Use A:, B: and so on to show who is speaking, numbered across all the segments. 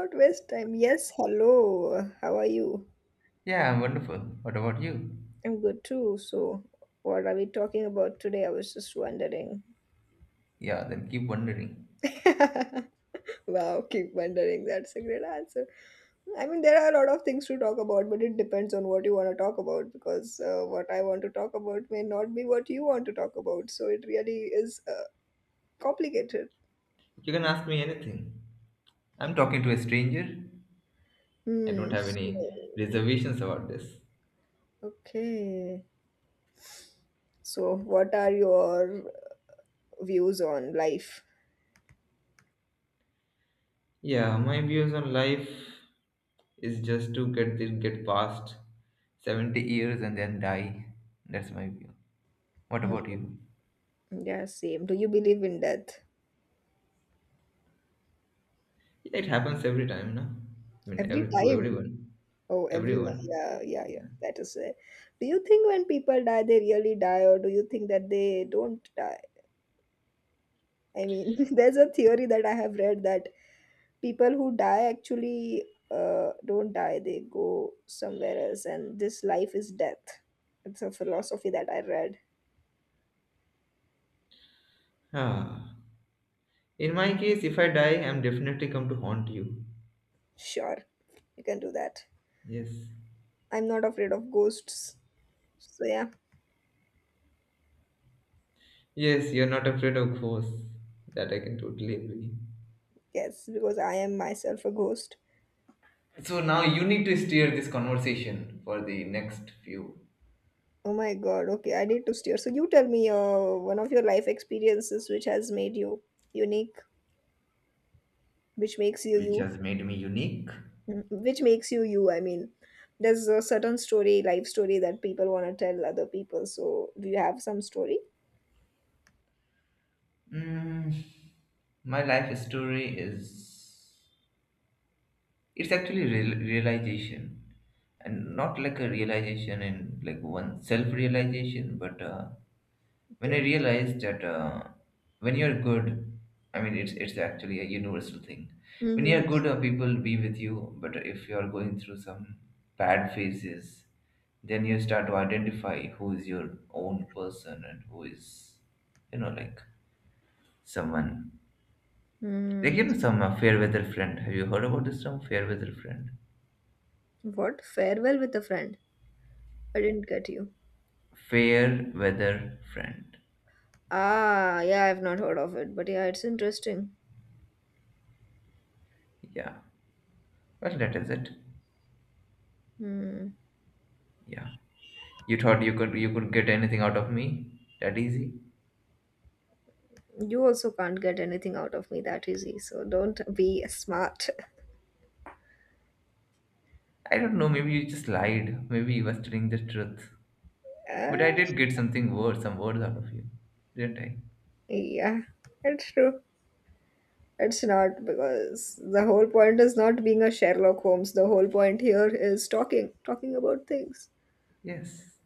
A: Not waste time. Yes, hello. How are you?
B: Yeah, I'm wonderful. What about you?
A: I'm good too. So, what are we talking about today? I was just wondering.
B: Yeah, then keep wondering.
A: Wow, keep wondering. That's a great answer. I mean, there are a lot of things to talk about, but it depends on what you want to talk about because what I want to talk about may not be what you want to talk about. So, it really is complicated.
B: You can ask me anything. I'm talking to a stranger. I don't
A: Hmm.
B: have
A: So,
B: any reservations about this.
A: okay. So, what are your views on life?
B: Yeah, my views on life is just to get this, get past 70 years and then die. That's my view. What
A: Hmm.
B: about you?
A: Yeah, same. Do you believe in death?
B: Yeah, it happens every time, no? I mean,
A: Every
B: every, to
A: time.
B: everyone.
A: Oh, every,
B: Everyone.
A: yeah, yeah, yeah.
B: Yeah.
A: That is it. Do you think when people die, they really die, or do you think that they don't die? I mean, there's a theory that I have read that people who die actually don't die; they go somewhere else, and this life is death. It's a philosophy that I read.
B: Ah. In my case, if I die, I'm definitely come to haunt you.
A: Sure, you can do that.
B: Yes.
A: I'm not afraid of ghosts. So yeah,
B: Yes, you're not afraid of ghosts. That I can totally agree.
A: yes, because I am myself a ghost.
B: So now you need to steer this conversation for the next few,
A: Oh my God. Okay, I need to steer. So you tell me one of your life experiences which has made you unique, which makes you
B: which
A: you.
B: has made me unique.
A: Mm, which makes you you. I mean, there's a certain story, life story that people want to tell other people. So do you have some story?
B: Mm, my life story is it's actually real, realization, and not like a realization in like one self realization, but when I
A: Okay.
B: realized that when you're good, I mean, it's actually a universal thing. When
A: Mm-hmm.
B: you're good, people be with you. But if you're going through some bad phases, then you start to identify who is your own person and who is, you know, like someone like you
A: Mm,
B: know some fair weather friend. Have you heard about this term, fair weather friend?
A: what? Farewell with a friend. I didn't get you.
B: Fair weather friend.
A: Ah, yeah, I've not heard of it, but yeah, it's interesting.
B: Yeah. Well, that is it.
A: Hmm.
B: Yeah. You thought you could get anything out of me that easy?
A: You also can't get anything out of me that easy, so don't be smart.
B: I don't know, maybe you just lied. Maybe you was telling the truth. But I
A: Ah.
B: did get something words, some words out of you, didn't I?
A: Yeah, it's true. It's not because the whole point is not being a Sherlock Holmes. The whole point here is talking, talking about things.
B: Yes.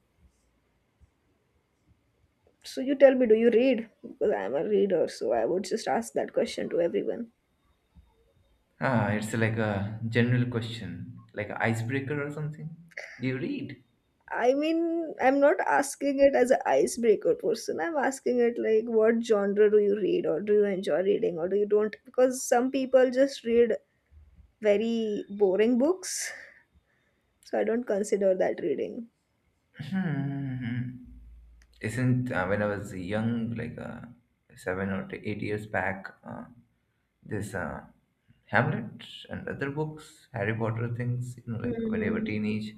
A: So you tell me, do you read? Because I'm a reader, so I would just ask that question to everyone.
B: Ah, it's like a general question, like an icebreaker or something. Do you read?
A: I mean, I'm not asking it as an icebreaker person. I'm asking it like, what genre do you read, or do you enjoy reading, or do you don't? Because some people just read very boring books, so I don't consider that reading.
B: Hmm. Isn't when I was young, like 8 years back, this Hamlet and other books, Harry Potter things, you know, like when you were
A: Mm-hmm.
B: teenage.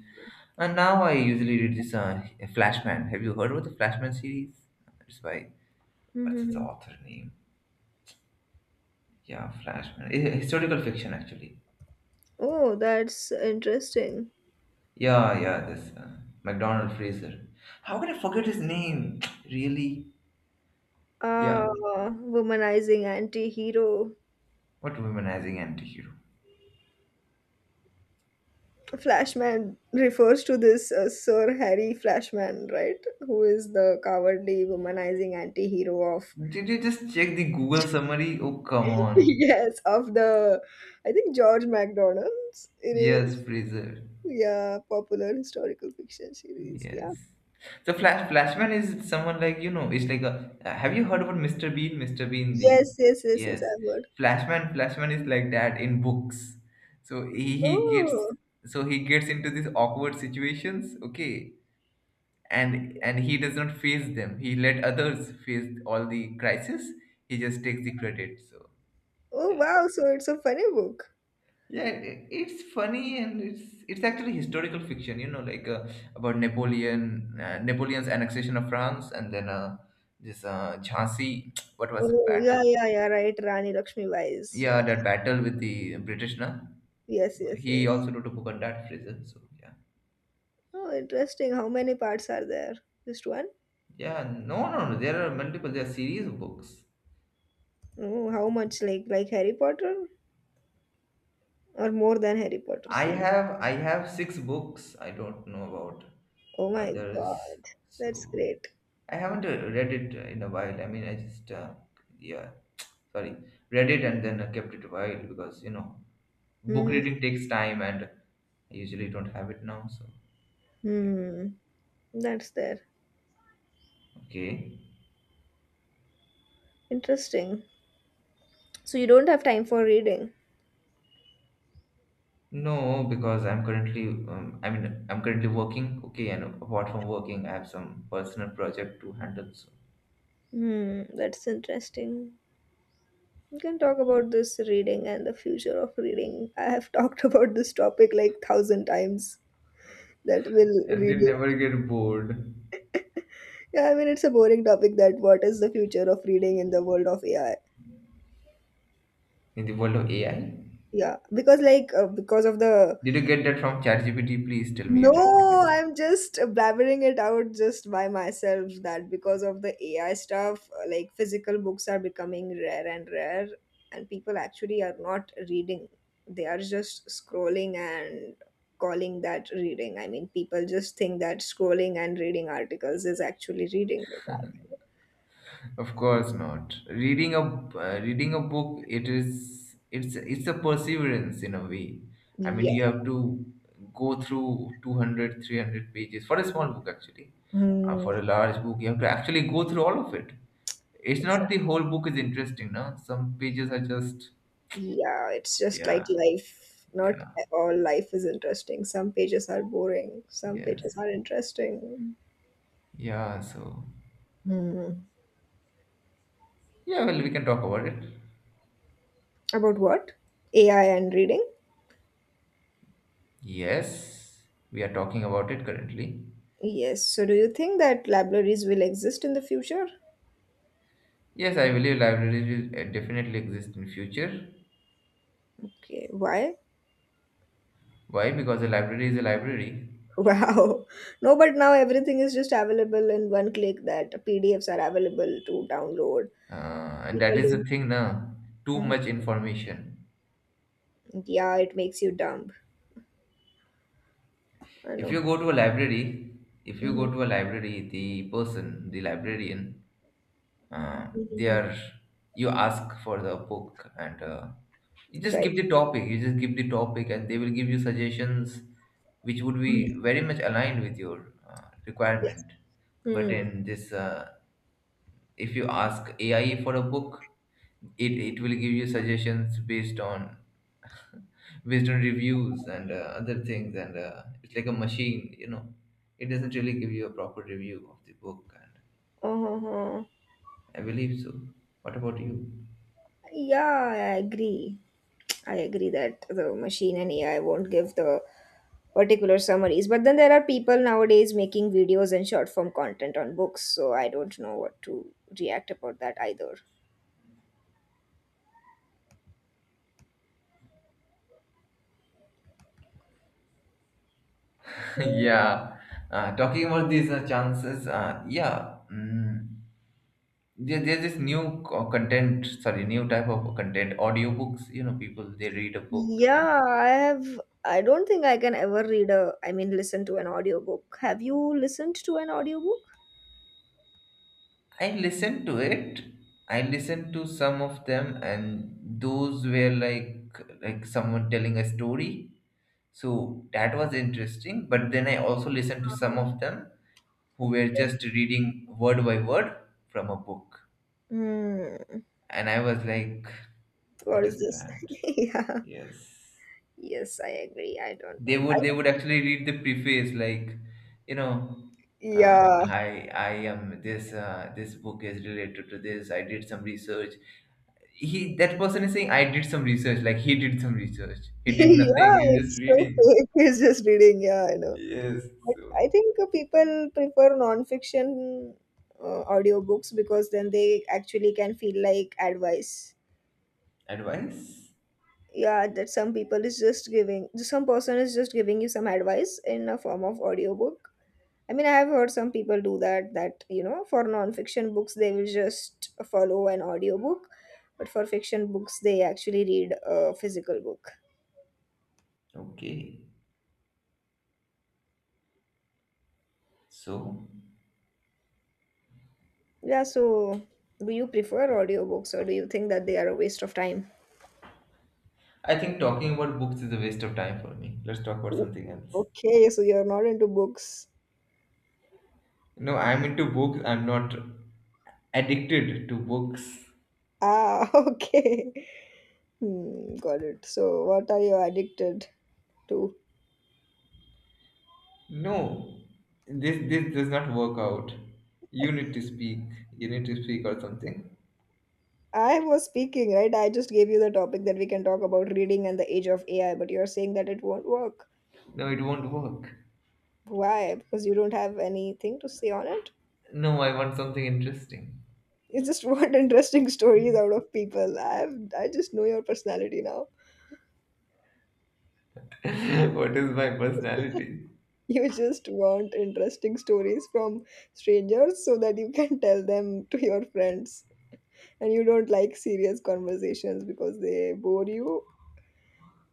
B: And now I usually read this Flashman. Have you heard about the Flashman series? It's by, what's its author name? Yeah, Flashman. Eh, historical fiction, actually.
A: Oh, that's interesting.
B: Yeah, yeah, this MacDonald Fraser. How can I forget his name? Really? Yeah.
A: Ah, womanizing anti-hero.
B: What womanizing antihero?
A: Flashman refers to this Sir Harry Flashman, right? Who is the cowardly womanizing anti-hero of
B: Did you just check the Google summary? Oh, come on.
A: yes, of the, I think, George MacDonald's. It is,
B: Yes, Fraser.
A: yeah, popular historical fiction series. Yeah.
B: Yes. So Flashman is someone like you know. It's like a. Have you heard about Mr. Bean? Mr. Bean the.
A: Yes, yes, yes, yes,
B: Yes.
A: I've heard.
B: Flashman is like that in books. So he gets
A: Oh,
B: so he gets into these awkward situations. Okay. And he does not face them. He let others face all the crisis. He just takes the credit. So
A: oh
B: yeah.
A: wow, so it's a funny book.
B: Yeah, it's funny and it's actually historical fiction, you know, like about Napoleon, Napoleon's annexation of France, and then this Jhansi, what was it,
A: Oh, yeah,
B: battle?
A: yeah, yeah, right. Rani Lakshmi Wise.
B: Yeah, that battle with the British, na?
A: Yes, yes,
B: He
A: yes.
B: also wrote a book on that prison. So yeah,
A: Oh, interesting. How many parts are there? Just one?
B: yeah, no, no, no. There are multiple. There are series of books.
A: Oh, how much? Like Harry Potter or more than Harry Potter series?
B: I have 6 books. I don't know about
A: Oh my
B: others.
A: God, that's
B: So
A: great.
B: I haven't read it in a while. I mean, I just yeah, sorry, read it and then kept it a while because you know, book
A: Hmm.
B: reading takes time, and I usually don't have it now. So yeah,
A: Hmm. That's there.
B: okay.
A: Interesting. So you don't have time for reading.
B: No, because I'm currently, I mean, I'm currently working. Okay, and apart from working, I have some personal project to handle. So
A: Hmm. That's interesting. We can talk about this reading and the future of reading. I have talked about this topic like thousand times. That will
B: and you
A: reading.
B: never get bored
A: Yeah, I mean it's a boring topic. That what is the future of reading in the world of AI?
B: in the world of AI.
A: Yeah, because like because of the,
B: Did you get that from ChatGPT? Please tell me you didn't get
A: no,
B: it.
A: I'm just blabbering it out just by myself that because of the AI stuff, like physical books are becoming rare and rare, and people actually are not reading. They are just scrolling and calling that reading. I mean, people just think that scrolling and reading articles is actually reading. But
B: Of course not. Reading a reading a book, it is it's a perseverance in a way. I mean,
A: yeah.
B: you have to go through 200 300 pages for a small book actually.
A: Mm.
B: For a large book, you have to actually go through all of it. It's not the whole book is interesting, no? Some pages are just
A: Yeah, it's just like
B: yeah,
A: life. Not
B: yeah,
A: all life is interesting. Some pages are boring, some
B: yes,
A: pages are interesting.
B: yeah. So
A: Hmm.
B: yeah, well, we can talk about it.
A: About what? AI and reading?
B: Yes, we are talking about it currently.
A: Yes. So, do you think that libraries will exist in the future?
B: Yes, I believe libraries will definitely exist in future.
A: Okay, why?
B: Why? Because a library is a library,
A: Wow. No, but now everything is just available in one click that PDFs are available to download.
B: and that is the
A: People
B: thing now. Too
A: don't.
B: much information.
A: Yeah, it makes you dumb. I
B: If
A: know.
B: you go to a library, if you go
A: hmm
B: to a library, the person, the librarian, they
A: hmm
B: are you ask for the book and you just
A: Right.
B: give the topic. You just give the topic, and they will give you suggestions, which would be
A: Mhm.
B: very much aligned with your
A: Yes.
B: requirement. But
A: Mm.
B: in this if you ask AI for a book, it will give you suggestions based on based on reviews and other things, and it's like a machine, you know. It doesn't really give you a proper review of the book, and
A: Uh-huh.
B: I believe so. What about you?
A: Yeah, I agree. I agree that the machine and AI won't give the particular summaries. But then there are people nowadays making videos and short form content on books, so I don't know what to react about that either. Mm.
B: yeah, talking about these chances, yeah. There's this new content sorry new type of content audiobooks you know people they read a book in.
A: Yeah, I have. I don't think I can ever read a, I mean, listen to an audiobook. Have you listened to an audiobook?
B: I listened to it. I listened to some of them, and those were like someone telling a story. So that was interesting. But then I also listened to some
A: Uh,
B: of them who were just reading word by word from a book,
A: Hmm.
B: and I was like,
A: What
B: "What
A: is
B: is
A: this?
B: that?"
A: yeah.
B: Yes,
A: Yes, I agree. I don't know.
B: they
A: I-
B: would actually read the preface, like you know.
A: yeah,
B: Hi, I am this. This book is related to this. I did some research he that person is saying I did some research, like he did some research. He did nothing.
A: yeah,
B: He's just
A: it's so
B: reading.
A: fake. It's just reading. Yeah, I know.
B: Yes.
A: But I
B: So
A: think people prefer non-fiction audiobooks because then they actually can feel like advice.
B: advice.
A: Yeah, that some people is just giving, some person is just giving you some advice in a form of audiobook. I mean, I have heard some people do that, that, you know, for non-fiction books, they will just follow an audiobook, but for fiction books, they actually read a physical book.
B: Okay. So
A: Yeah, so do you prefer audiobooks or do you think that they are a waste of time?
B: I think talking about books is a waste of time for me. Let's talk about
A: O-
B: something else.
A: okay, so you're not into books.
B: No, I'm into books. I'm not addicted to books.
A: Ah, okay. Hmm, got it. So what are you addicted to?
B: No, this does not work out. You need to speak. You need to speak or something.
A: I was speaking, right? I just gave you the topic that we can talk about reading and the age of AI, but you're saying that it won't work.
B: No, it won't work.
A: Why? Because you don't have anything to say on it?
B: No, I want something interesting.
A: You just want interesting stories out of people. I have, I just know your personality now.
B: what is my personality?
A: You just want interesting stories from strangers so that you can tell them to your friends. And you don't like serious conversations because they bore you.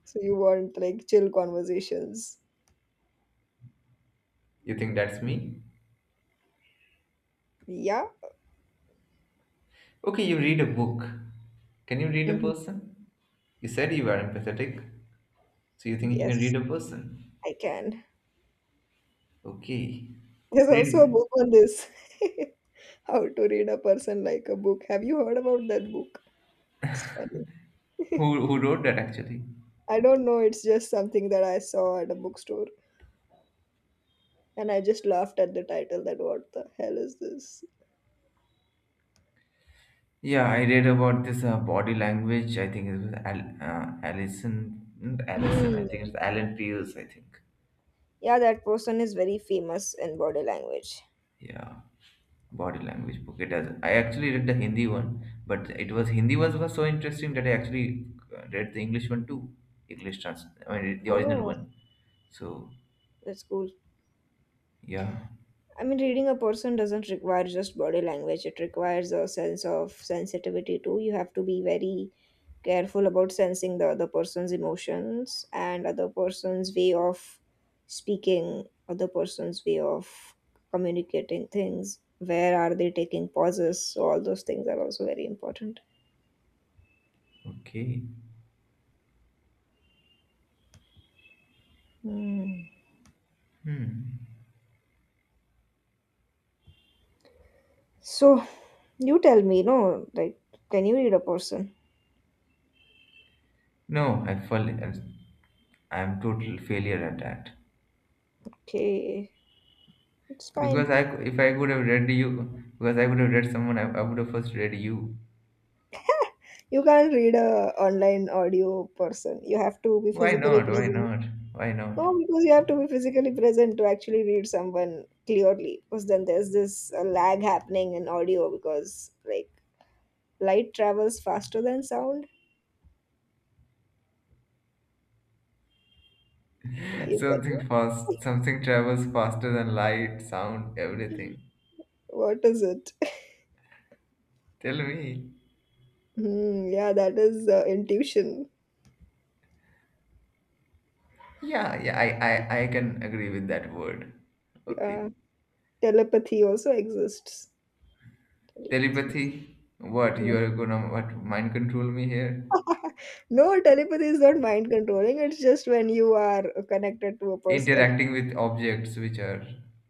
A: So you want like chill conversations.
B: You think that's me?
A: Yeah.
B: Okay, you read a book. Can you read a
A: hmm
B: person? You said you were empathetic. So you think you can
A: Yes,
B: read a person?
A: I can.
B: Okay.
A: There's
B: Read
A: also a
B: me.
A: book on this. How to read a person like a book. Have you heard about that book? It's funny.
B: Who wrote that actually?
A: I don't know. It's just something that I saw at a bookstore. And I just laughed at the title that what the hell is this?
B: Yeah, I read about this body language. I think it was Allison. Not Allison. I
A: Hmm.
B: think it's Alan Peels. I think.
A: Yeah, that person is very famous in body language.
B: Yeah, body language book. It does. I actually read the Hindi one, but it was Hindi ones was so interesting that I actually read the English one too. English trans. I mean the original
A: Oh.
B: one. So
A: That's cool.
B: yeah,
A: I mean, reading a person doesn't require just body language, it requires a sense of sensitivity too. You have to be very careful about sensing the other person's emotions and other person's way of speaking, other person's way of communicating things. Where are they taking pauses? So, all those things are also very important.
B: okay.
A: Hmm.
B: Hmm.
A: So, you tell me, no, like, can you read a person?
B: No, I fall. I'm total failure at that
A: Okay, it's fine.
B: because if I could have read you because I could have read someone I would have first read you.
A: You can't read a online audio person. You have to be
B: Why
A: physically
B: not? Why
A: present.
B: not? Why not?
A: No, because you have to be physically present to actually read someone clearly. Because then there's this lag happening in audio because like light travels faster than sound. Are you get it?
B: Something fast. Something travels faster than light, sound, everything.
A: What is it?
B: Tell me.
A: Hmm, yeah, that is intuition.
B: Yeah, yeah. I can agree with that word.
A: Yeah,
B: Okay.
A: telepathy also exists. Telepathy.
B: Telepathy. What you are gonna what mind control me here?
A: No, telepathy is not mind controlling. It's just when you are connected to a person.
B: Interacting with objects which are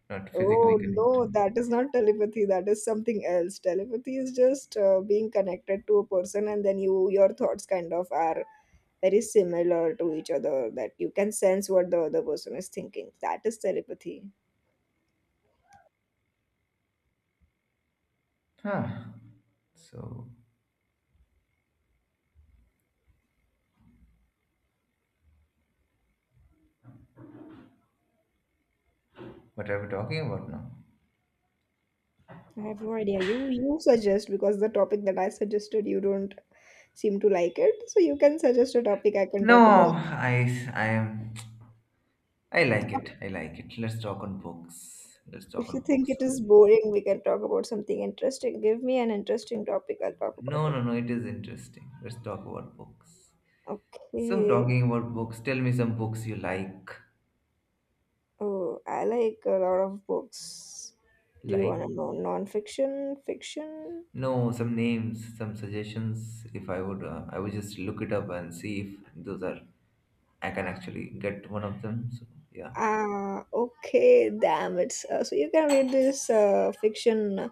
B: not physically
A: Oh no,
B: connected.
A: that is not telepathy. That is something else. Telepathy is just being connected to a person, and then you your thoughts kind of are very similar to each other. That you can sense what the other person is thinking. That is telepathy.
B: Huh. So, what are we talking about now?
A: I have no idea. You suggest, because the topic that I suggested you don't seem to like it. So you can suggest a topic I can talk about.
B: No, I am, I like it. I like it. Let's talk on books. Let's talk
A: If you
B: on
A: think
B: books
A: it is
B: only.
A: boring, we can talk about something interesting. Give me an interesting topic. I'll talk about
B: No,
A: it.
B: no, no. It is interesting. Let's talk about books. So,
A: Okay.
B: talking about books, tell me some books you like.
A: Oh, I like a lot of books. Do you
B: Like.
A: want to know non-fiction, fiction?
B: No, some names, some suggestions. If I would, I would just look it up and see if those are, I can actually get one of them. So yeah,
A: Ah, okay, damn it. So you can read this fiction,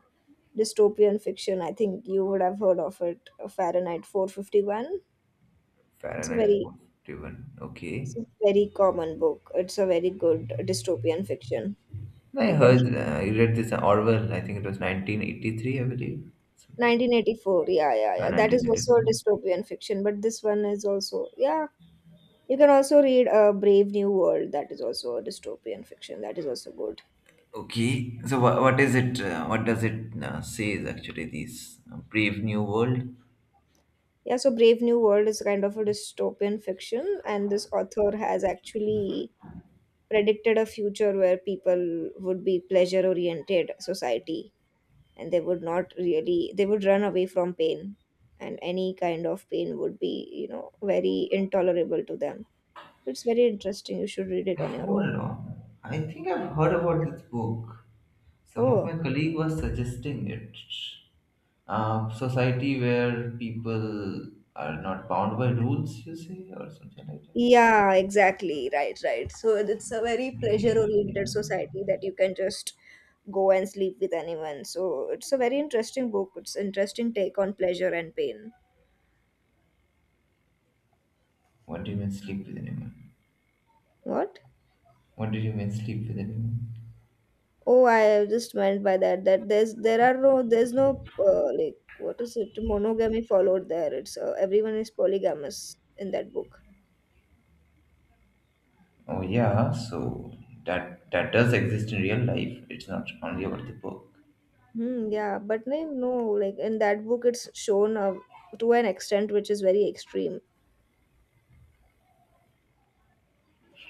A: dystopian fiction. I think you would have heard of it, Fahrenheit 451. It's a
B: Fahrenheit
A: very,
B: 41.
A: it's
B: Okay.
A: a very common book. It's a very good dystopian fiction.
B: I
A: You can
B: heard, I read this Orwell. I think it was 1983, I believe, something like
A: 1984. Yeah, yeah,
B: that.
A: yeah. That is also a
B: 1984.
A: dystopian fiction, but this one is also, yeah. You can also read Brave New World, that is also a dystopian fiction, that is also good.
B: Okay. So what is it? What does it say? Is actually this Brave New World?
A: Yeah, so Brave New World is kind of a dystopian fiction, and this author has actually predicted a future where people would be pleasure oriented society and they would not really, they would run away from pain, and any kind of pain would be, you know, very intolerable to them. It's very interesting. You should read it on your own.
B: Hold on. I think I've heard about this book. Some of
A: Oh,
B: my colleague was suggesting it. Society where people are not bound by rules, you say, or something like that.
A: yeah, exactly. Right, right. So it's a very pleasure
B: Leave, you
A: oriented
B: know.
A: society that you can just go and sleep with anyone. So it's a very interesting book. It's interesting take on pleasure and pain.
B: What do you mean sleep with anyone?
A: What?
B: What do you mean sleep with anyone?
A: Oh, I just meant by that that there's there are no there's no like what is it monogamy followed there. It's everyone is polygamous in that book.
B: Oh yeah, so that that does exist in real life. It's not only about the book.
A: Hmm, yeah, but no, no, like in that book, it's shown to an extent which is very extreme.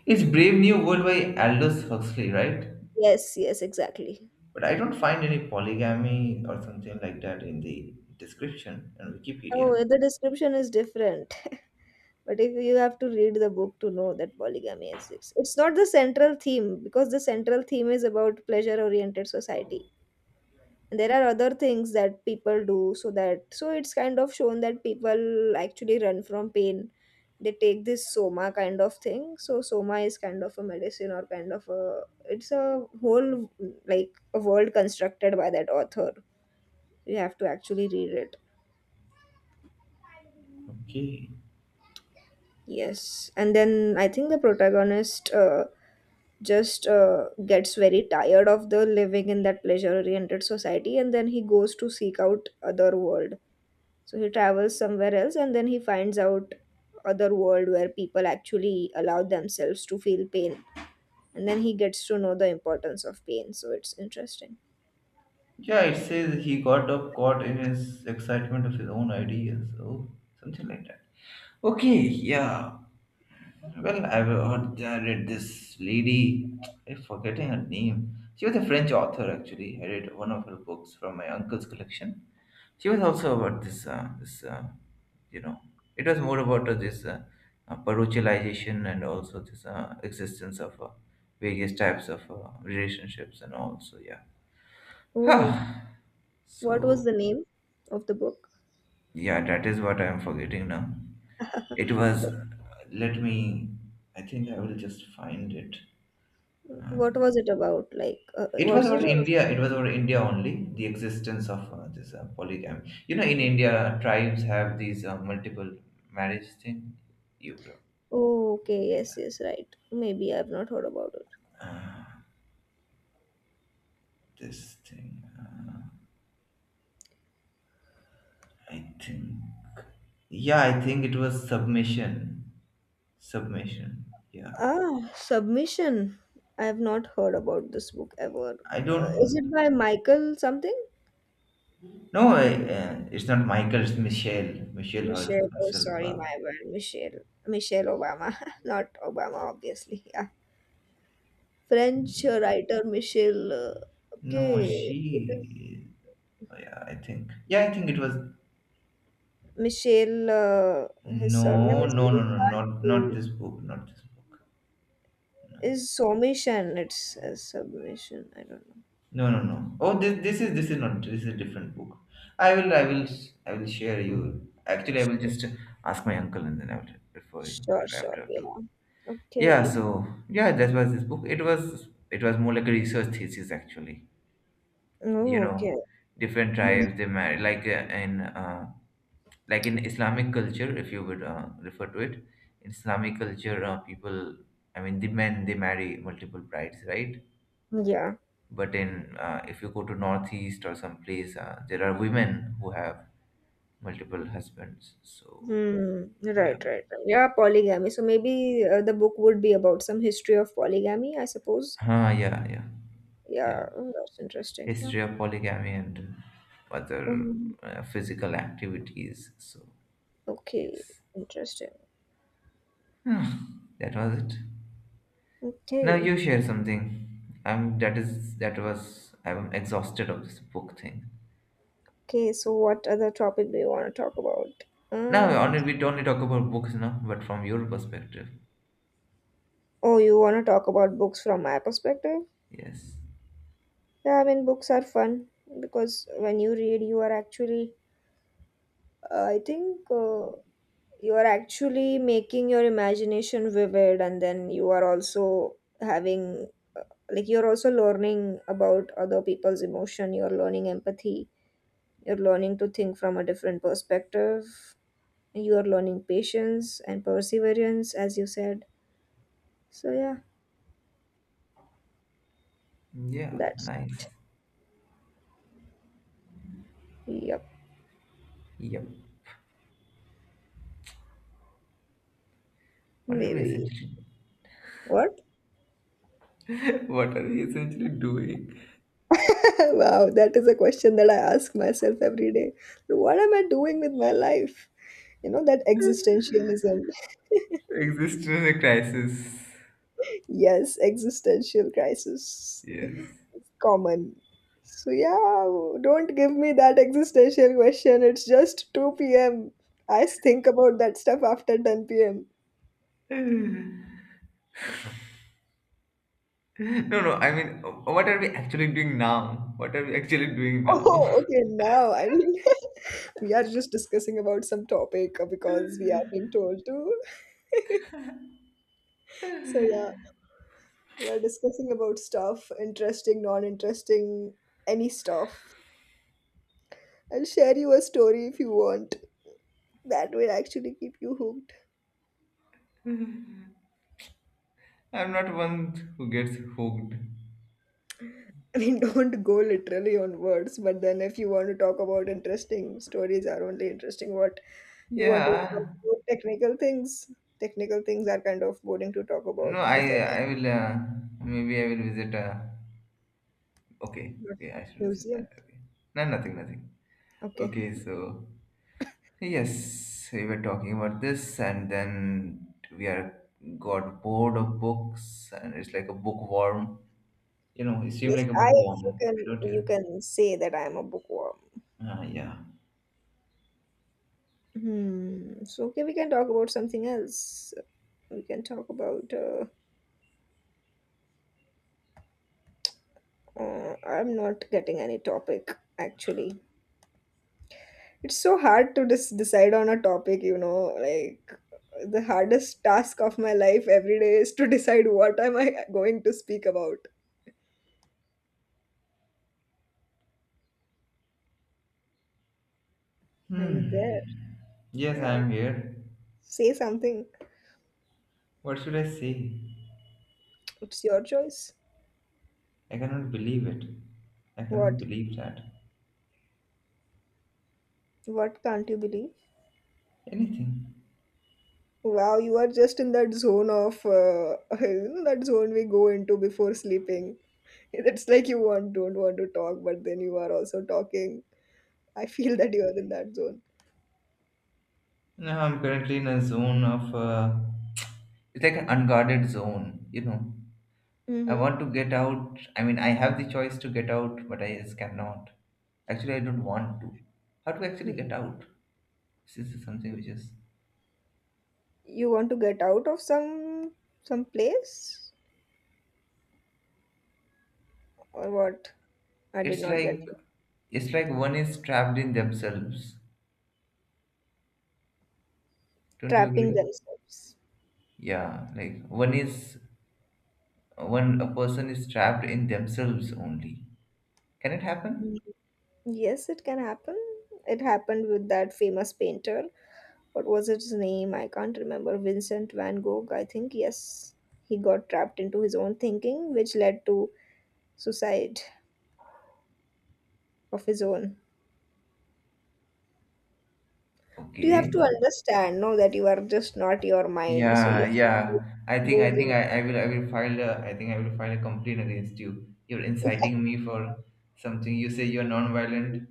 B: It's Brave New World by Aldous Huxley, right?
A: Yes, yes, exactly.
B: But I don't find any polygamy or something like that in the description on
A: Oh,
B: Wikipedia.
A: well, the description is different. But if you have to read the book to know that polygamy exists, it's not the central theme because the central theme is about pleasure-oriented society. And there are other things that people do so that so it's kind of shown that people actually run from pain. They take this soma kind of thing. So soma is kind of a medicine or kind of a it's a whole like a world constructed by that author. You have to actually read it.
B: Okay.
A: Yes, and then I think the protagonist just gets very tired of the living in that pleasure-oriented society, and then he goes to seek out other world. So he travels somewhere else, and then he finds out other world where people actually allow themselves to feel pain, and then he gets to know the importance of pain. So it's interesting.
B: Yeah, it says he got up caught in his excitement of his own ideas. Oh, something like that. Okay, yeah. Well, I've heard, I read this lady. I'm forgetting her name. She was a French author, actually. I read one of her books from my uncle's collection. She was also about you know, it was more about this parochialization and also this existence of various types of relationships and all. So yeah.
A: Oh,
B: Huh.
A: what was
B: So
A: the name of the book?
B: yeah, that is what I am forgetting now. It was, let me, I think I will just find it.
A: What
B: Um,
A: was it about? Like,
B: it
A: what
B: was
A: is it?
B: about India. It was about India only, the existence of this polygamy. You know, in India, tribes have these multiple marriage thing. Europe,
A: Okay, yes,
B: India,
A: yes, right. Maybe I've not heard about it.
B: this thing. I think. Yeah, I think it was submission. Submission. Yeah.
A: Ah, Submission. I have not heard about this book ever.
B: I
A: Is
B: don't.
A: it by Michael something?
B: No, it's not Michael. It's Michelle. Michelle
A: Michelle. Oh,
B: herself.
A: sorry, my bad. Michelle. Michelle Obama. Not Obama, obviously. Yeah. French writer Michelle.
B: No,
A: Okay. It is
B: she. Yeah, I think it was.
A: Michelle. His surname
B: No,
A: is
B: no,
A: very
B: no, no,
A: hard
B: not
A: to.
B: this book. Not this book.
A: Is Submission. It's a submission. I don't know.
B: No, no, no. Oh, this is not. This is a different book. I will, I will, I will share you. Actually, I will
A: Sure,
B: just ask my uncle and then I will refer you
A: sure,
B: if I have
A: sure.
B: to. Have to.
A: Yeah.
B: Yeah.
A: Okay.
B: So yeah, that was this book. It was more like a research thesis actually. You
A: Oh, okay.
B: know, different
A: Mm.
B: tribes, they marry like in like in islamic culture, if you would refer to it. In islamic culture, people, I mean the men, they marry multiple brides, right?
A: Yeah.
B: But in if you go to northeast or some place, there are women who have multiple husbands. So
A: Hmm. Right,
B: yeah.
A: right, right. Yeah, polygamy. So maybe the book would be about some history of polygamy, I suppose.
B: Yeah, yeah. Yeah,
A: Yeah, oh, that's interesting. Yeah.
B: history of polygamy and other
A: Um,
B: physical activities. So
A: okay,
B: yes.
A: interesting.
B: Hmm, that was it. Now
A: Okay.
B: you share something. I'm that is that was I'm exhausted of this book thing.
A: Okay, so what other topic do you want to talk about?
B: Now
A: Um,
B: only we only talk about books now, but from your perspective.
A: oh, you want to talk about books from my perspective?
B: Yes.
A: Yeah, I mean, books are fun because when you read, you are actually, I think, you are actually making your imagination vivid, and then you are also having like you're also learning about other people's emotion, you're learning empathy, you're learning to think from a different perspective, you are learning patience and perseverance as you said. So yeah,
B: Yeah,
A: that's,
B: nice.
A: yep,
B: Yep. What are we
A: maybe
B: essentially
A: what.
B: what are we essentially doing?
A: Wow, that is a question that I ask myself every day. What am I doing with my life? You know that existentialism.
B: Exist in a crisis.
A: Yes, existential crisis is
B: Yes.
A: common. So yeah, don't give me that existential question. It's just 2 p.m. I think about that stuff after 10 p.m.
B: No, no, I mean, what are we actually doing now? What are we actually doing now?
A: Oh, okay, now I mean we are just discussing about some topic because we are being told to. So yeah, we are discussing about stuff, interesting, non-interesting, any stuff. I'll share you a story if you want. That will actually keep you hooked.
B: I'm not one who gets hooked.
A: I mean, don't go literally on words, but then if you want to talk about interesting stories, are only interesting what you want to talk
B: Yeah.
A: about technical things. Technical things are kind of boring to talk
B: No,
A: about because that is
B: I will maybe I will visit. Okay,
A: not
B: okay, I should visit
A: museum.
B: that. Okay, no, nothing, nothing.
A: Okay.
B: Okay, so yes, we were talking about this, and then we are got bored of books, and it's like a bookworm. You know, it seem
A: Yes,
B: like a
A: I you
B: bookworm,
A: can
B: don't
A: you
B: you?
A: can say that I am a bookworm.
B: Ah, yeah.
A: Hmm. So okay, we can talk about something else. We can talk about. I'm not getting any topic actually. It's so hard to decide on a topic, you know, like the hardest task of my life every day is to decide what am I going to speak about. Are you there?
B: Hmm. Yes, I
A: Yeah.
B: am here.
A: Say something.
B: What should I say?
A: It's your choice.
B: I cannot believe it. I cannot
A: What?
B: believe that
A: What can't you believe?
B: anything.
A: Wow, you are just in that zone of you know, that zone we go into before sleeping. It's like you want don't want to talk, but then you are also talking. I feel that you are in that zone.
B: No, I'm currently in a zone of it's like an unguarded zone, I
A: Mm-hmm.
B: want to get out. I mean, I have the choice to get out, but I just cannot. Actually, I don't want to. How to actually get out? This is something which is.
A: You want to get out of some place or what? I did
B: It's
A: not get
B: like
A: you.
B: it's like one is trapped in themselves. Don't you
A: Trapping
B: agree?
A: themselves.
B: Yeah, like one a person is trapped in themselves only. Can it
A: Mm.
B: happen?
A: Yes, it can happen. It happened with that famous painter. What was his name? I can't remember. Vincent van Gogh, I think. Yes. He got trapped into his own thinking, which led to suicide of his own. But you have
B: Okay.
A: to understand, no, that you are just not your mind. So you
B: Yeah,
A: have
B: yeah.
A: to move.
B: I will file a I think I will file a complaint against you. You're inciting me for something. You say you're non-violent,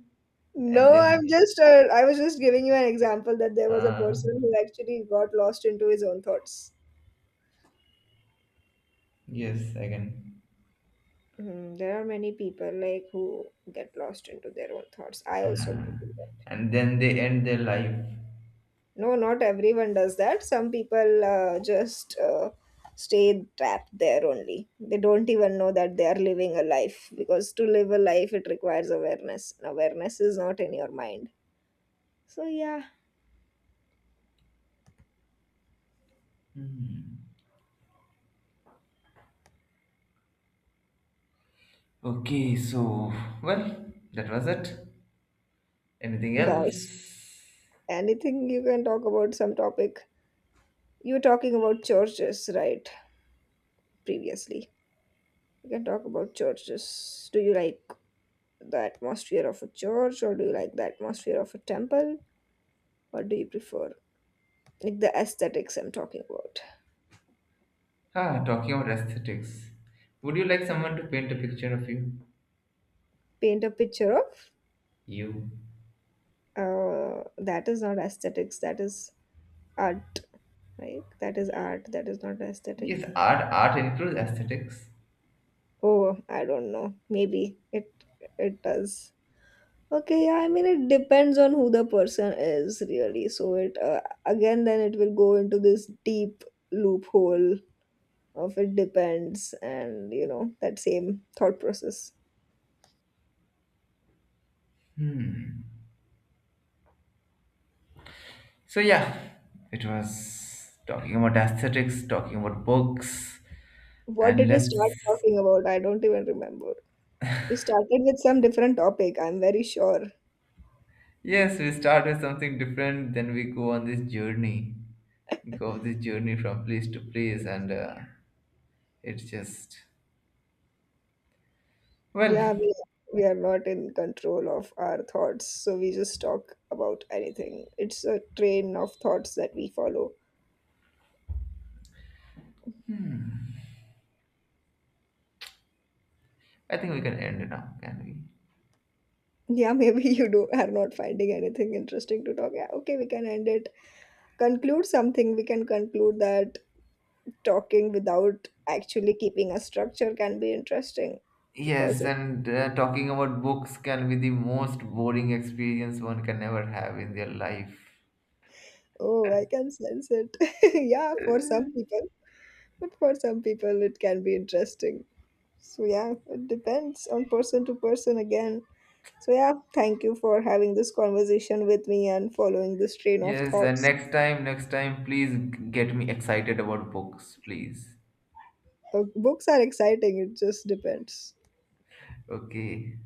B: and
A: No, I'm
B: then
A: just, I was just giving you an example that there was a
B: uh,
A: person who actually got lost into his own thoughts.
B: yes, I can.
A: Hmm, there are many people like who get lost into their own thoughts. I also
B: Uh,
A: may do that.
B: and then they end their life.
A: No, not everyone does that. Some people just stay trapped there only. They don't even know that they are living a life, because to live a life it requires awareness. And awareness is not in your mind. So yeah,
B: Okay, so well, that was it. Anything
A: boys.
B: else?
A: Anything, you can talk about some topic. You were talking about churches, right? Previously, we can talk about churches. Do you like the atmosphere of a church, or do you like the atmosphere of a temple? What do you prefer? Like the aesthetics I'm talking about.
B: Ah, talking about aesthetics. Would you like someone to paint a picture of you?
A: Paint a picture of.
B: You.
A: That is not aesthetics. That is art. Right? That is art. That is not aesthetic.
B: Yes, art, art includes aesthetics.
A: Oh, I don't know. Maybe it it does. Okay, yeah, I mean it depends on who the person is really. So it again then it will go into this deep loophole of it depends, and you know that same thought process.
B: So yeah, it was talking about aesthetics, talking about books,
A: What
B: and
A: did we start
B: let's,
A: talking about? I don't even remember. We started with some different topic, I'm very sure.
B: yes, we start with something different. Then we go on this journey, go this journey from place to place, and it's just
A: Yeah,
B: well.
A: we are not in control of our thoughts, so we just talk about anything. It's a train of thoughts that we follow.
B: I think we can end it now, can we?
A: Yeah, maybe you do are not finding anything interesting to talk. Yeah, okay, we can end it. Conclude something. We can conclude that talking without actually keeping a structure can be interesting because
B: Yes,
A: it,
B: and talking about books can be the most boring experience one can ever have in their life.
A: oh, I can sense it. Yeah, for some people, but for some people it can be interesting. So yeah, it depends on person to person again. So yeah, thank you for having this conversation with me and following this train of
B: Yes, and
A: thoughts.
B: next time, please get me excited about books, please.
A: Books are exciting. It just depends.
B: Okay.